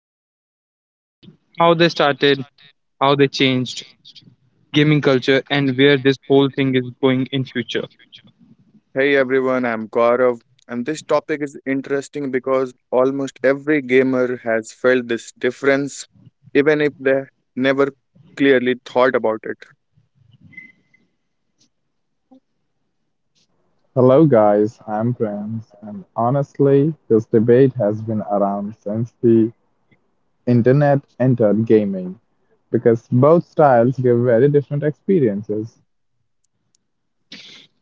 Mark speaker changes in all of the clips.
Speaker 1: offline games, how they started, how they changed, gaming culture, and where this whole thing is going in future.
Speaker 2: Hey everyone, I'm Gaurav, and this topic is interesting because almost every gamer has felt this difference, even if they never clearly thought about it.
Speaker 3: Hello, guys. I'm Prince, and honestly, this debate has been around since the internet entered gaming because both styles give very different experiences.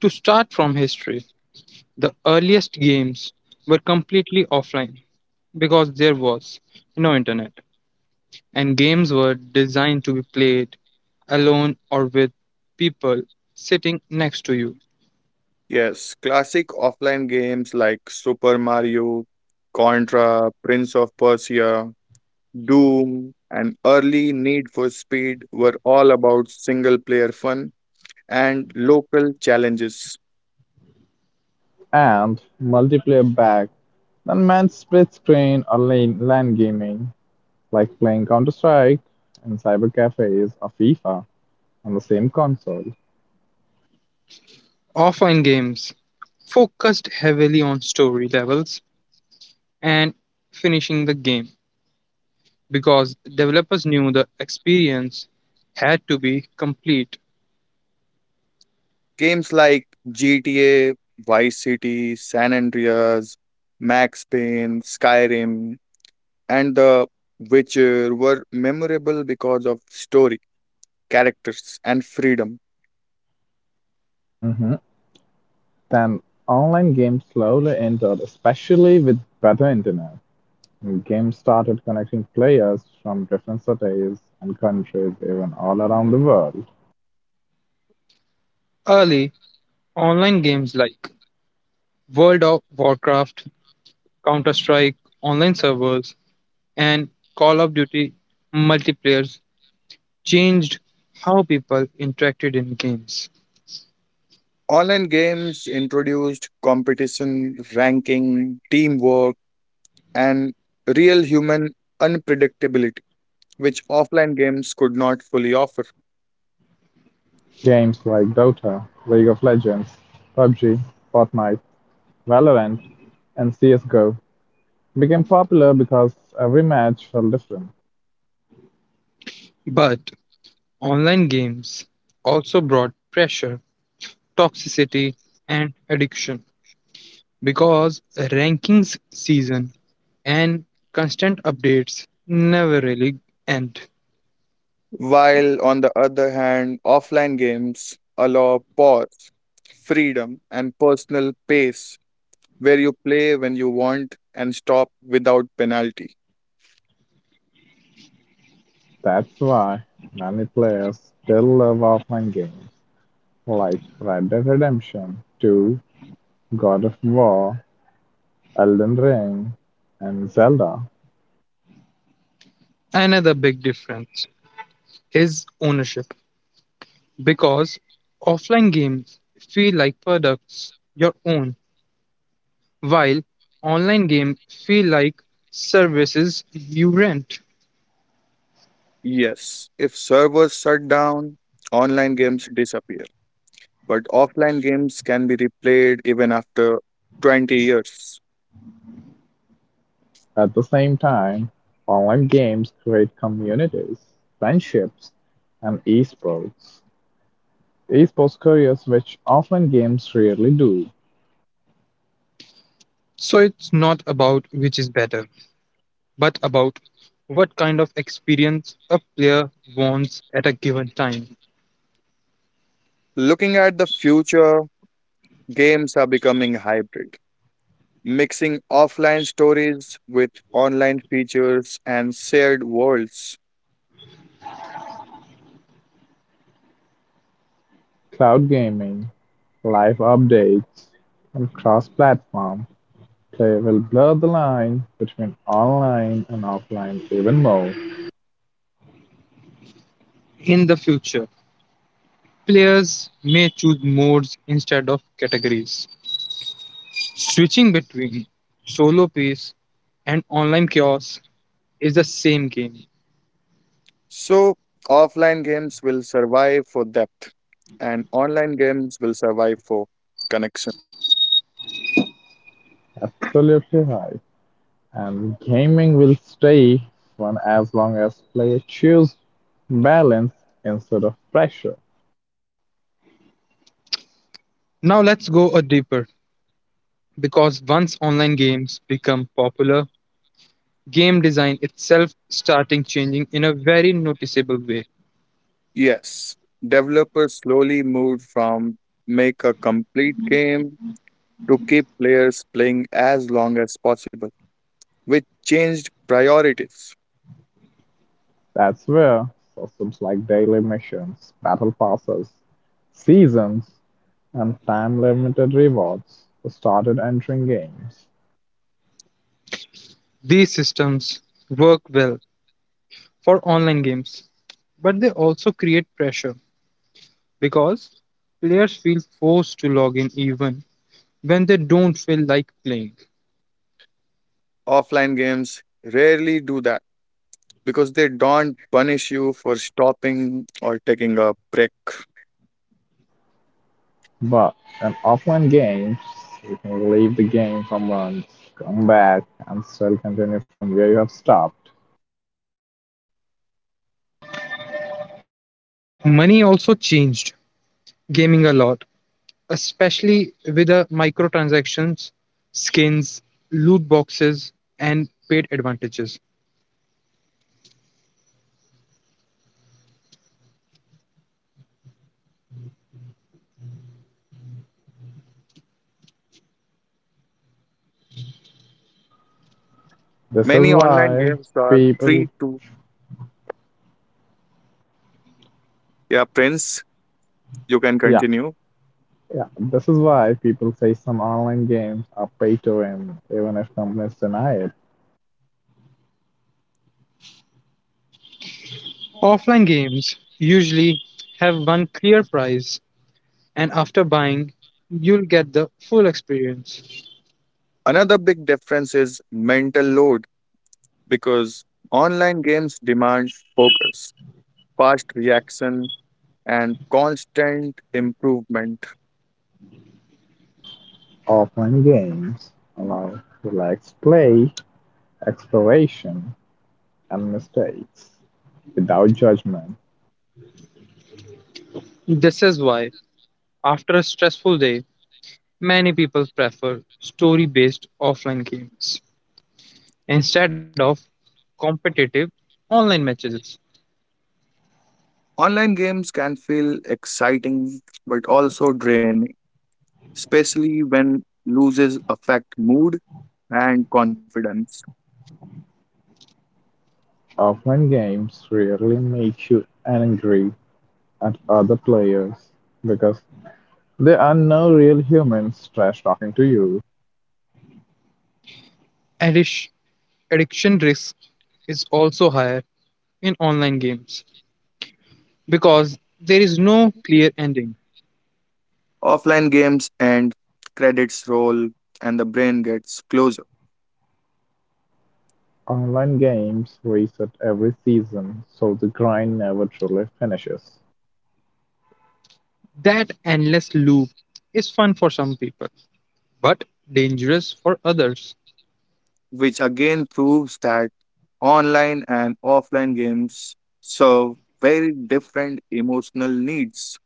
Speaker 1: To start from history, the earliest games were completely offline because there was no internet, and games were designed to be played alone or with people sitting next to you.
Speaker 2: Yes, classic offline games like Super Mario, Contra, Prince of Persia, Doom, and early Need for Speed were all about single player fun and local challenges.
Speaker 3: And multiplayer back then meant split screen or lane, LAN gaming, like playing Counter Strike in cyber cafes or FIFA on the same console.
Speaker 1: Offline games focused heavily on story levels and finishing the game because developers knew the experience had to be complete.
Speaker 2: Games like GTA, Vice City, San Andreas, Max Payne, Skyrim, and The Witcher were memorable because of story, characters, and freedom.
Speaker 3: hmm Then online games slowly entered, especially with better internet. Games started connecting players from different cities and countries, even all around the world.
Speaker 1: Early online games like World of Warcraft, Counter Strike, online servers, and Call of Duty multiplayers changed how people interacted in games.
Speaker 2: Online games introduced competition, ranking, teamwork, and real human unpredictability, which offline games could not fully offer.
Speaker 3: Games like Dota, League of Legends, PUBG, Fortnite, Valorant, and CSGO became popular because every match felt different.
Speaker 1: But online games also brought pressure, toxicity, and addiction because rankings season and constant updates never really end.
Speaker 2: While on the other hand, offline games allow pause, freedom, and personal pace where you play when you want and stop without penalty.
Speaker 3: That's why many players still love offline games like Red Dead Redemption 2, God of War, Elden Ring, and Zelda.
Speaker 1: Another big difference is ownership because offline games feel like products your own while online games feel like services you rent.
Speaker 2: Yes, if servers shut down, online games disappear, but offline games can be replayed even after 20 years.
Speaker 3: At the same time, online games create communities, friendships, and esports. Esports careers which offline games rarely do.
Speaker 1: So it's not about which is better but about what kind of experience a player wants at a given time.
Speaker 2: Looking at the future, games are becoming hybrid, mixing offline stories with online features and shared worlds.
Speaker 3: Cloud gaming, live updates, and cross platform play will blur the line between online and offline even more.
Speaker 1: In the future, players may choose modes instead of categories. Switching between solo peace and online chaos is the same game.
Speaker 2: So, offline games will survive for depth, and online games will survive for connection.
Speaker 3: Absolutely right. And gaming will stay fun as long as players choose balance instead of pressure.
Speaker 1: Now let's go a deeper because once online games become popular, game design itself starting changing in a very noticeable way.
Speaker 2: Yes, developers slowly moved from make a complete game to keep players playing as long as possible, which changed priorities.
Speaker 3: That's where systems like daily missions, battle passes, seasons, and time limited rewards started entering games.
Speaker 1: These systems work well for online games, but they also create pressure because players feel forced to log in even when they don't feel like playing.
Speaker 2: Offline games rarely do that because they don't punish you for stopping or taking a break.
Speaker 3: But in offline games, you can leave the game for months, come back, and still continue from where you have stopped.
Speaker 1: Money also changed gaming a lot, especially with the microtransactions, skins, loot boxes, and paid advantages.
Speaker 3: This is
Speaker 2: Many online
Speaker 3: why
Speaker 2: games are
Speaker 3: people,
Speaker 2: free to. Yeah, Prince, you can
Speaker 3: yeah,
Speaker 2: continue.
Speaker 3: yeah, this is why people say some online games are pay to win, even if companies deny it.
Speaker 1: Offline games usually have one clear price, and after buying, you'll get the full experience.
Speaker 2: Another big difference is mental load because online games demand focus, fast reaction, and constant improvement.
Speaker 3: Offline games allow relaxed play, exploration, and mistakes without judgment.
Speaker 1: This is why, after a stressful day, many people prefer story based offline games instead of competitive online matches.
Speaker 2: Online games can feel exciting but also draining, especially when loses affect mood and confidence.
Speaker 3: Often games really make you angry at other players because there are no real humans trash talking to you.
Speaker 1: Addition Addiction risk is also higher in online games because there is no clear ending.
Speaker 2: Offline games end, credits roll, and the brain gets closer.
Speaker 3: Online games reset every season, so the grind never truly finishes.
Speaker 1: That endless loop is fun for some people, but dangerous for others.
Speaker 2: Which again proves that online and offline games serve very different emotional needs.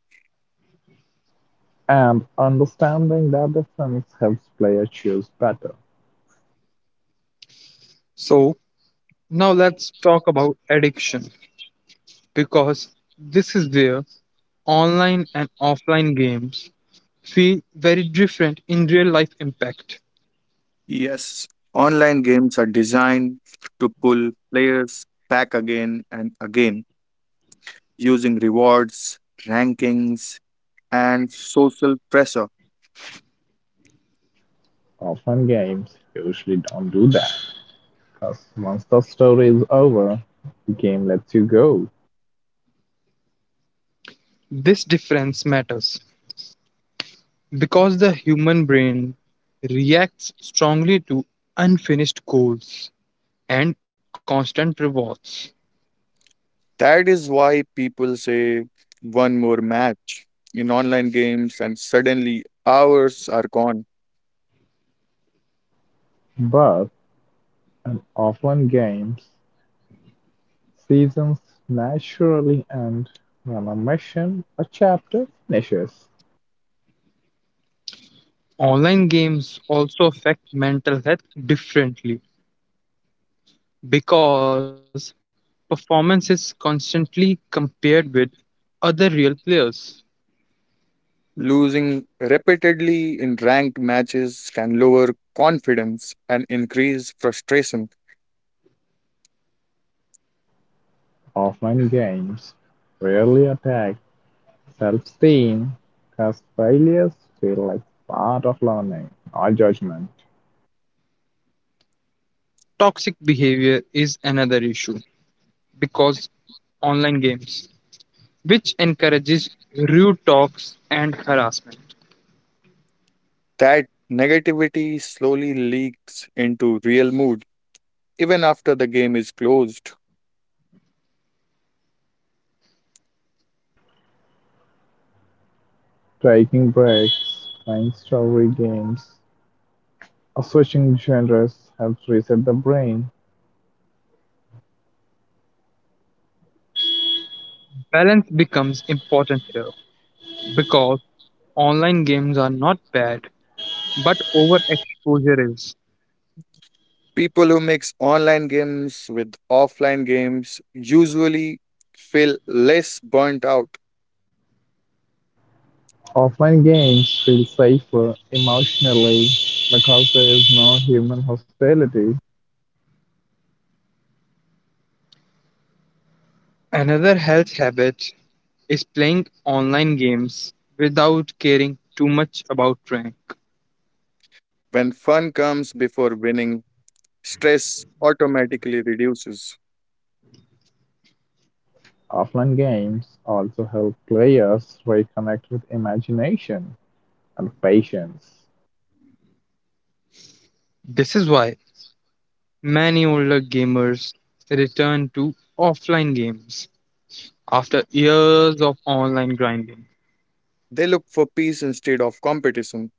Speaker 3: And understanding that difference helps players choose better.
Speaker 1: So, now let's talk about addiction because this is where online and offline games feel very different in real life impact.
Speaker 2: Yes, online games are designed to pull players back again and again using rewards, rankings, and social pressure.
Speaker 3: Often games usually don't do that, because once the story is over, the game lets you go.
Speaker 1: This difference matters because the human brain reacts strongly to unfinished goals and constant rewards.
Speaker 2: That is why people say one more match in online games, and suddenly hours are gone.
Speaker 3: But And offline games seasons naturally end when a mission or chapter finishes.
Speaker 1: Online games also affect mental health differently because performance is constantly compared with other real players.
Speaker 2: Losing repeatedly in ranked matches can lower confidence and increase frustration.
Speaker 3: Offline games rarely attack self-esteem because failures feel like part of learning, not judgment.
Speaker 1: Toxic behavior is another issue because online games, which encourages rude talks and harassment.
Speaker 2: That negativity slowly leaks into real mood even after the game is closed.
Speaker 3: Taking breaks, playing story games, or switching genres helps reset the brain.
Speaker 1: Balance becomes important here because online games are not bad, but overexposure is.
Speaker 2: People who mix online games with offline games usually feel less burnt out.
Speaker 3: Offline games feel safer emotionally because there is no human hostility.
Speaker 1: Another health habit is playing online games without caring too much about rank.
Speaker 2: When fun comes before winning, stress automatically reduces.
Speaker 3: Offline games also help players reconnect with imagination and patience,
Speaker 1: This is why many older gamers return to offline games after years of online grinding.
Speaker 2: They look for peace instead of competition.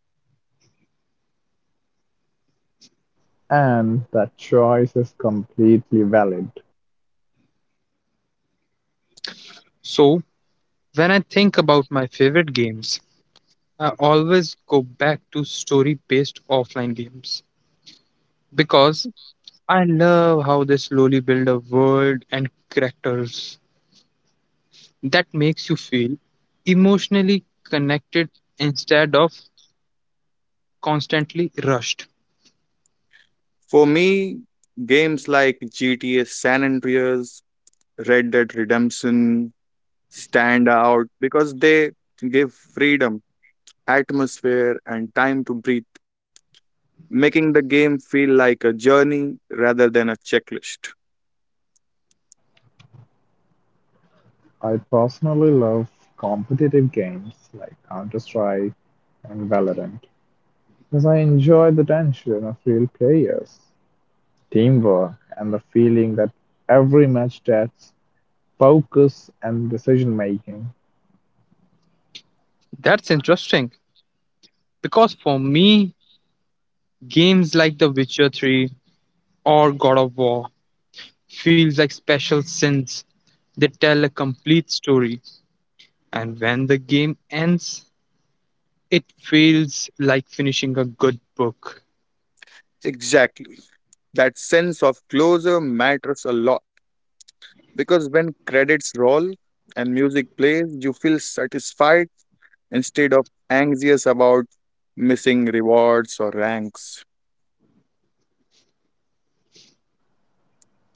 Speaker 3: and that choice is completely valid.
Speaker 1: So, when I think about my favorite games, I always go back to story based offline games because I love how they slowly build a world and characters that makes you feel emotionally connected instead of constantly rushed.
Speaker 2: For me, games like GTA San Andreas, Red Dead Redemption stand out because they give freedom, atmosphere, and time to breathe, making the game feel like a journey rather than a checklist.
Speaker 3: I personally love competitive games like Counter Strike and Valorant because I enjoy the tension of real players, teamwork, and the feeling that every match tests focus and decision making.
Speaker 1: That's interesting because for me, games like The Witcher 3 or God of War feels like special sins. They tell a complete story, and when the game ends, it feels like finishing a good book.
Speaker 2: Exactly. That sense of closure matters a lot because when credits roll and music plays, you feel satisfied instead of anxious about missing rewards or ranks.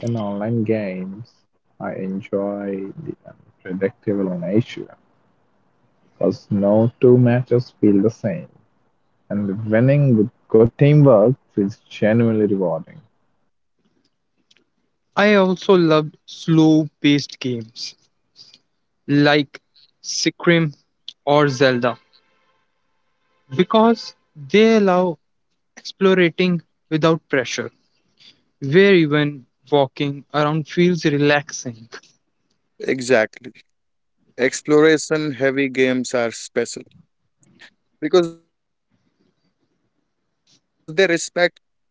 Speaker 3: In online games, I enjoy the unpredictable nature, 'cause no two matches feel the same, and winning with good teamwork is genuinely rewarding.
Speaker 1: I also love slow-paced games like Skyrim or Zelda because they allow explorating without pressure, where even walking around feels relaxing.
Speaker 2: Exactly. Exploration heavy games are special because they respect curiosity and patience,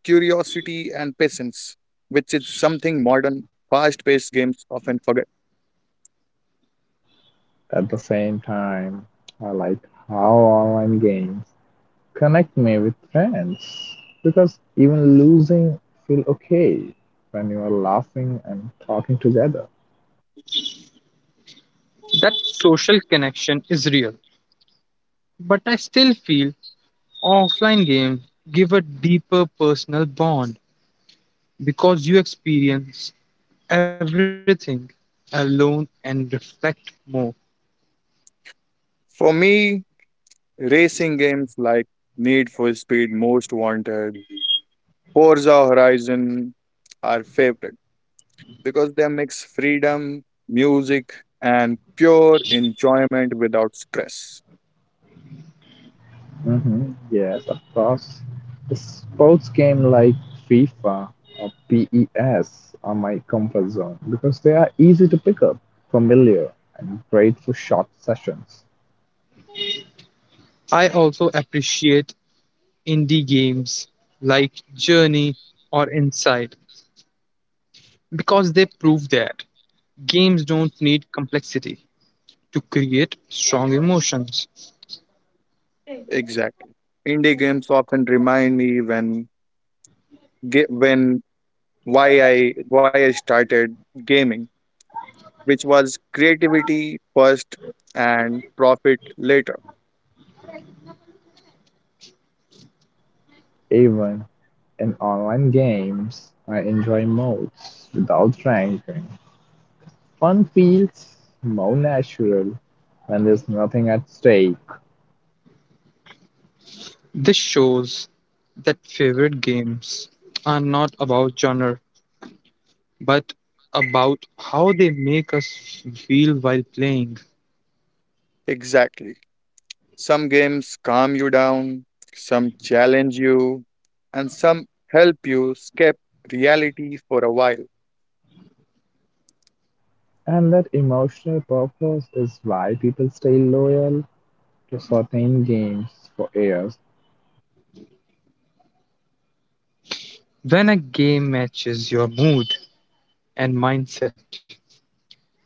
Speaker 2: which is something modern, fast paced games often forget.
Speaker 3: At the same time, I like how online games connect me with friends because even losing feel okay when you are laughing and talking together.
Speaker 1: That social connection is real. But I still feel offline games give a deeper personal bond because you experience everything alone and reflect more.
Speaker 2: For me, racing games like Need for Speed Most Wanted, Forza Horizon are favorite because they mix freedom, music, and pure enjoyment without stress.
Speaker 3: Yes, of course. A sports game like FIFA or PES are my comfort zone because they are easy to pick up, familiar, and great for short sessions.
Speaker 1: I also appreciate indie games like Journey or Inside because they prove that games don't need complexity to create strong emotions.
Speaker 2: Exactly. Indie games often remind me when ge- when why I started gaming, which was creativity first and profit later.
Speaker 3: Even in online games, I enjoy modes without ranking. Fun feels more natural when there's nothing at stake,
Speaker 1: This shows that favorite games are not about genre, but about how they make us feel while playing.
Speaker 2: Exactly. Some games calm you down, some challenge you, and some help you escape reality for a while.
Speaker 3: and that emotional purpose is why people stay loyal to certain games for years.
Speaker 1: When a game matches your mood and mindset,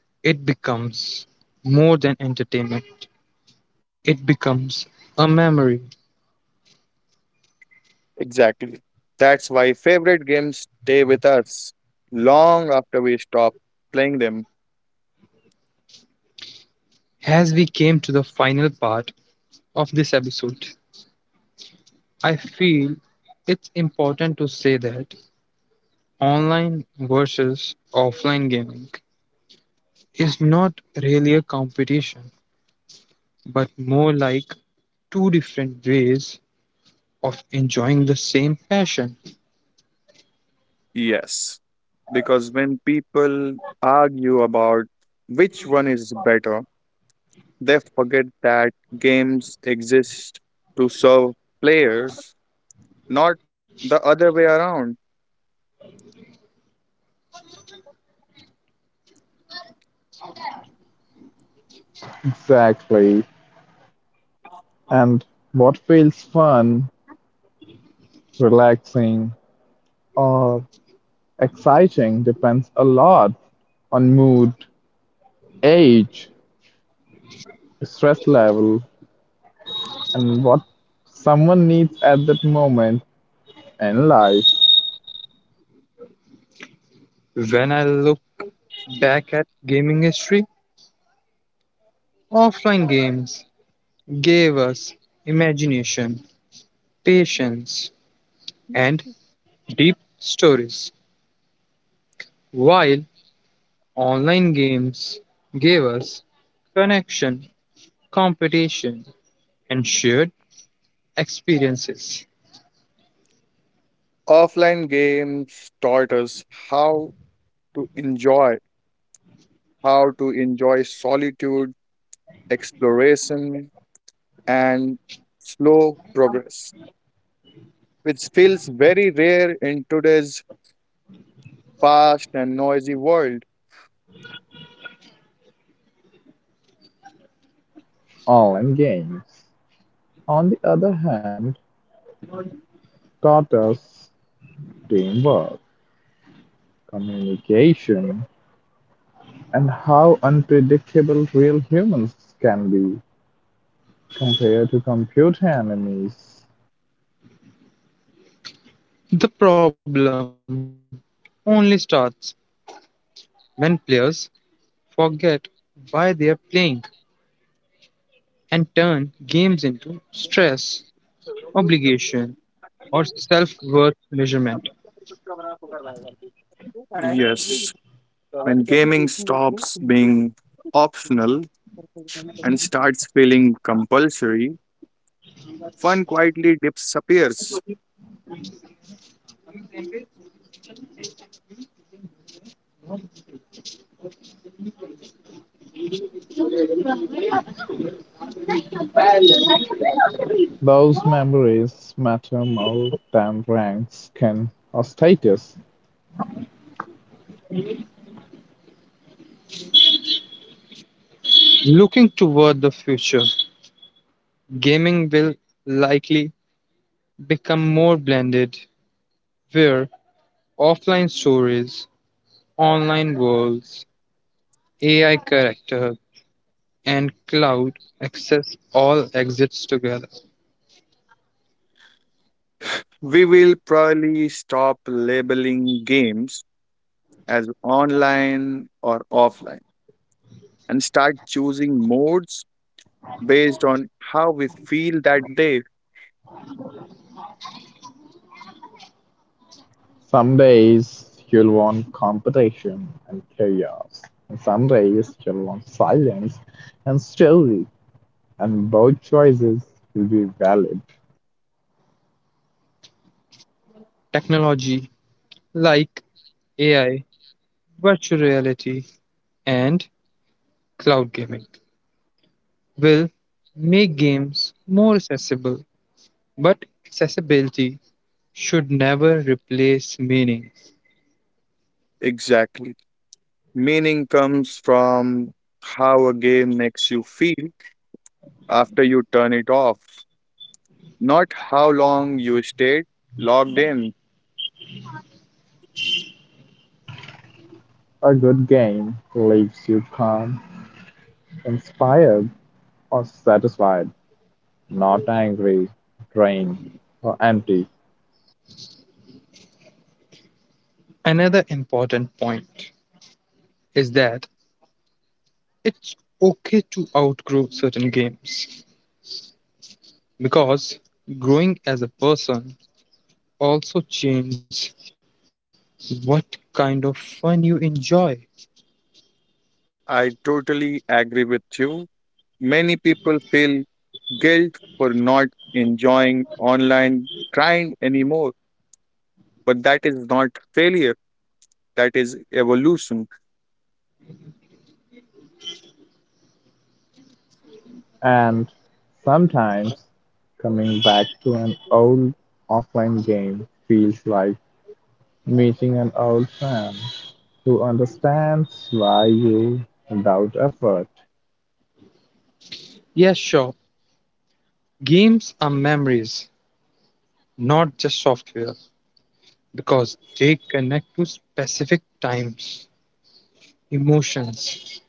Speaker 1: it becomes more than entertainment, it becomes a memory.
Speaker 2: Exactly. That's why favorite games stay with us long after we stop playing them.
Speaker 1: As we came to the final part of this episode, I feel it's important to say that online versus offline gaming is not really a competition, but more like two different ways of enjoying the same passion.
Speaker 2: Yes. Because when people argue about which one is better, they forget that games exist to serve players, not the other way around.
Speaker 3: Relaxing, or exciting depends a lot on mood, age, stress level, and what someone needs at that moment in life.
Speaker 1: When I look back at gaming history, offline games gave us imagination, patience, and deep stories, while online games gave us connection, competition, and shared experiences.
Speaker 2: Offline games taught us how to enjoy, how to enjoy solitude, exploration, and slow progress, which feels very rare in today's fast and noisy world.
Speaker 3: Online games, on the other hand, taught us teamwork, communication, and how unpredictable real humans can be compared to computer enemies.
Speaker 1: The problem only starts when players forget why they are playing and turn games into stress, obligation, or self worth measurement.
Speaker 2: Yes, when gaming stops being optional and starts feeling compulsory, fun quietly disappears.
Speaker 3: Those memories matter more than rank, skin, or status.
Speaker 1: Looking toward the future, gaming will likely become more blended, where offline stories, online worlds, AI characters, and cloud access all exist together.
Speaker 2: We will probably stop labeling games as online or offline and start choosing modes based on how we feel that day.
Speaker 3: Some days you'll want competition and chaos, and some days you'll want silence and story, and both choices will be valid.
Speaker 1: Technology like AI, virtual reality, and cloud gaming will make games more accessible, but accessibility should never replace meaning.
Speaker 2: Exactly. Meaning comes from how a game makes you feel after you turn it off, not how long you stayed logged in.
Speaker 3: A good game leaves you calm, inspired, or satisfied, not angry, drained, or empty.
Speaker 1: Another important point is that it's okay to outgrow certain games because growing as a person also changes what kind of fun you enjoy.
Speaker 2: I totally agree with you. Many people feel guilt for not enjoying online grind anymore, but that is not failure, that is evolution.
Speaker 3: And sometimes coming back to an old offline game feels like meeting an old friend who understands why you without effort.
Speaker 1: Yes, sure, games are memories, not just software, because they connect to specific times, emotions,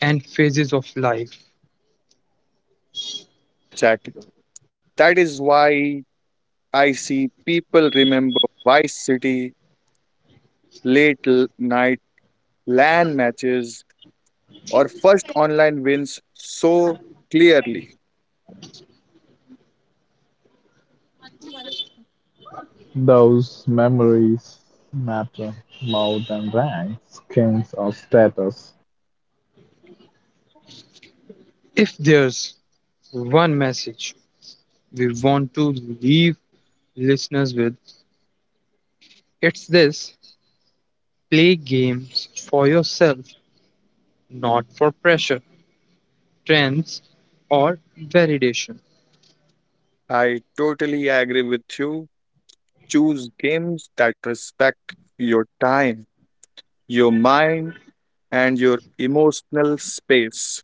Speaker 1: and phases of life.
Speaker 2: Exactly. That is why I see people remember Vice City, late night LAN matches, or first online wins so clearly.
Speaker 3: Those memories matter more than rank, skins, or status.
Speaker 1: If there's one message we want to leave listeners with, it's this: play games for yourself, not for pressure, trends, or validation.
Speaker 2: I totally agree with you. Choose games that respect your time, your mind, and your emotional space.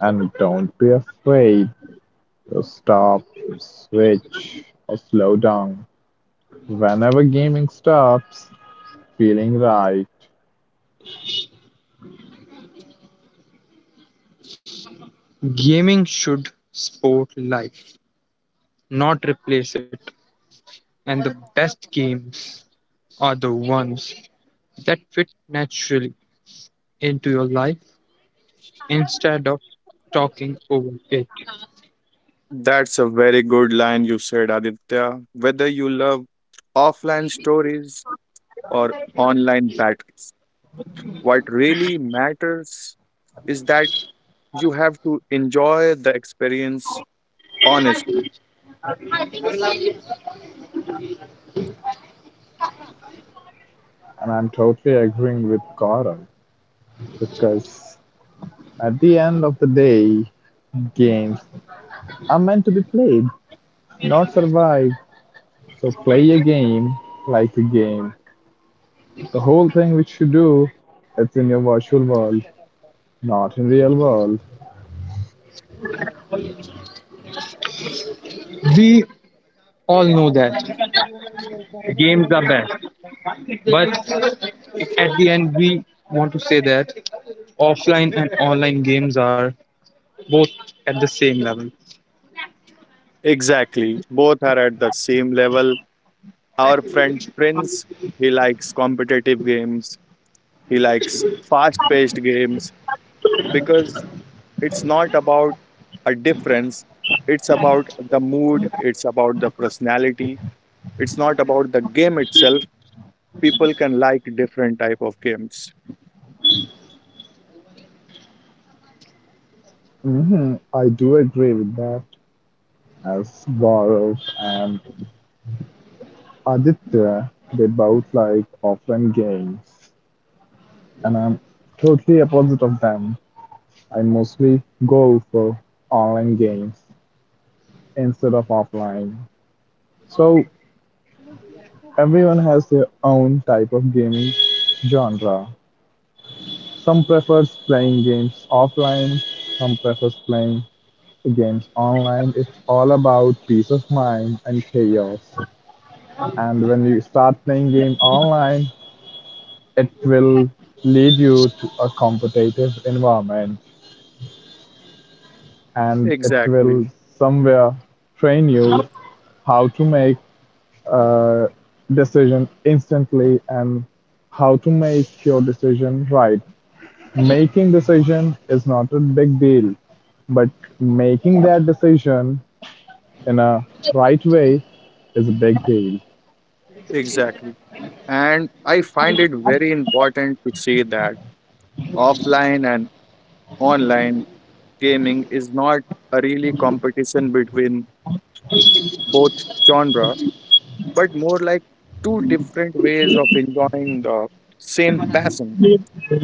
Speaker 3: And don't be afraid to stop, switch, or slow down. Whenever gaming stops, feeling right.
Speaker 1: Gaming should support life, not replace it. And the best games are the ones that fit naturally into your life instead of talking over it.
Speaker 2: That's a very good line you said, Aditya. Whether you love offline stories or online battles, what really matters is that you have to enjoy the experience honestly.
Speaker 3: And I'm totally agreeing with Gaurav. Because at the end of the day, games are meant to be played, not survived. So play a game like a game. The whole thing which you do, it's in your virtual world, not in real world.
Speaker 1: We all know that games are best. But at the end, we want to say that offline and online games are both at the same level.
Speaker 2: Exactly. Both are at the same level. Our friend Prince, he likes competitive games, he likes fast paced games because it's not about a difference, it's about the mood, it's about the personality, it's not about the game itself. People can like different type of games.
Speaker 3: I do agree with that. As Gaurav and Aditya, they both like offline games, and I'm totally opposite of them. I mostly go for online games instead of offline. So everyone has their own type of gaming genre. Some prefers playing games offline, some prefers playing games online. It's all about peace of mind and chaos. And when you start playing game online, it will lead you to a competitive environment, and it
Speaker 2: Exactly,
Speaker 3: will somewhere train you how to make a decision instantly and how to make your decision right. Making decision is not a big deal, but making that decision in a right way is a big deal.
Speaker 2: exactly. And I find it very important to say that offline and online gaming is not a really competition between both genre, but more like two different ways of enjoying the same passion.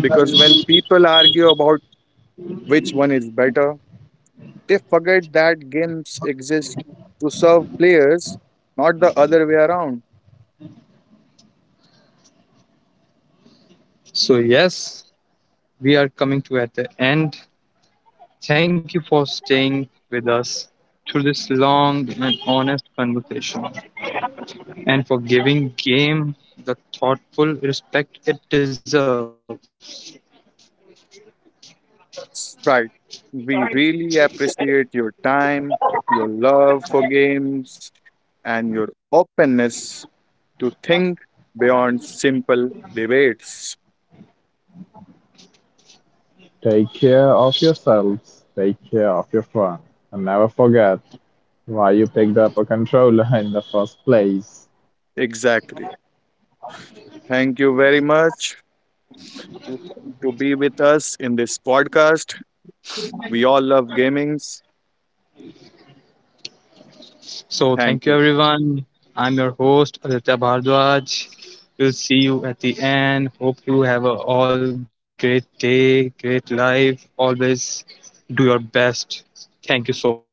Speaker 2: Because when people argue about which one is better, they forget that games exist to serve players, not the other way around.
Speaker 1: So, yes, we are coming to at the end. Thank you for staying with us through this long and honest conversation and for giving game the thoughtful respect it deserves.
Speaker 2: Sprite, we really appreciate your time, your love for games, and your openness to think beyond simple debates.
Speaker 3: Take care of yourselves, take care of your fun, and never forget why you picked up a controller in the first place.
Speaker 2: Exactly. Thank you very much to to be with us in this podcast. We all love gamings.
Speaker 1: So,
Speaker 2: Thank
Speaker 1: thank you
Speaker 2: you.
Speaker 1: everyone. I'm your host, Aditya Bhardwaj. We'll see you at the end. Hope you have a all great day, great life. Always do your best. Thank you so much.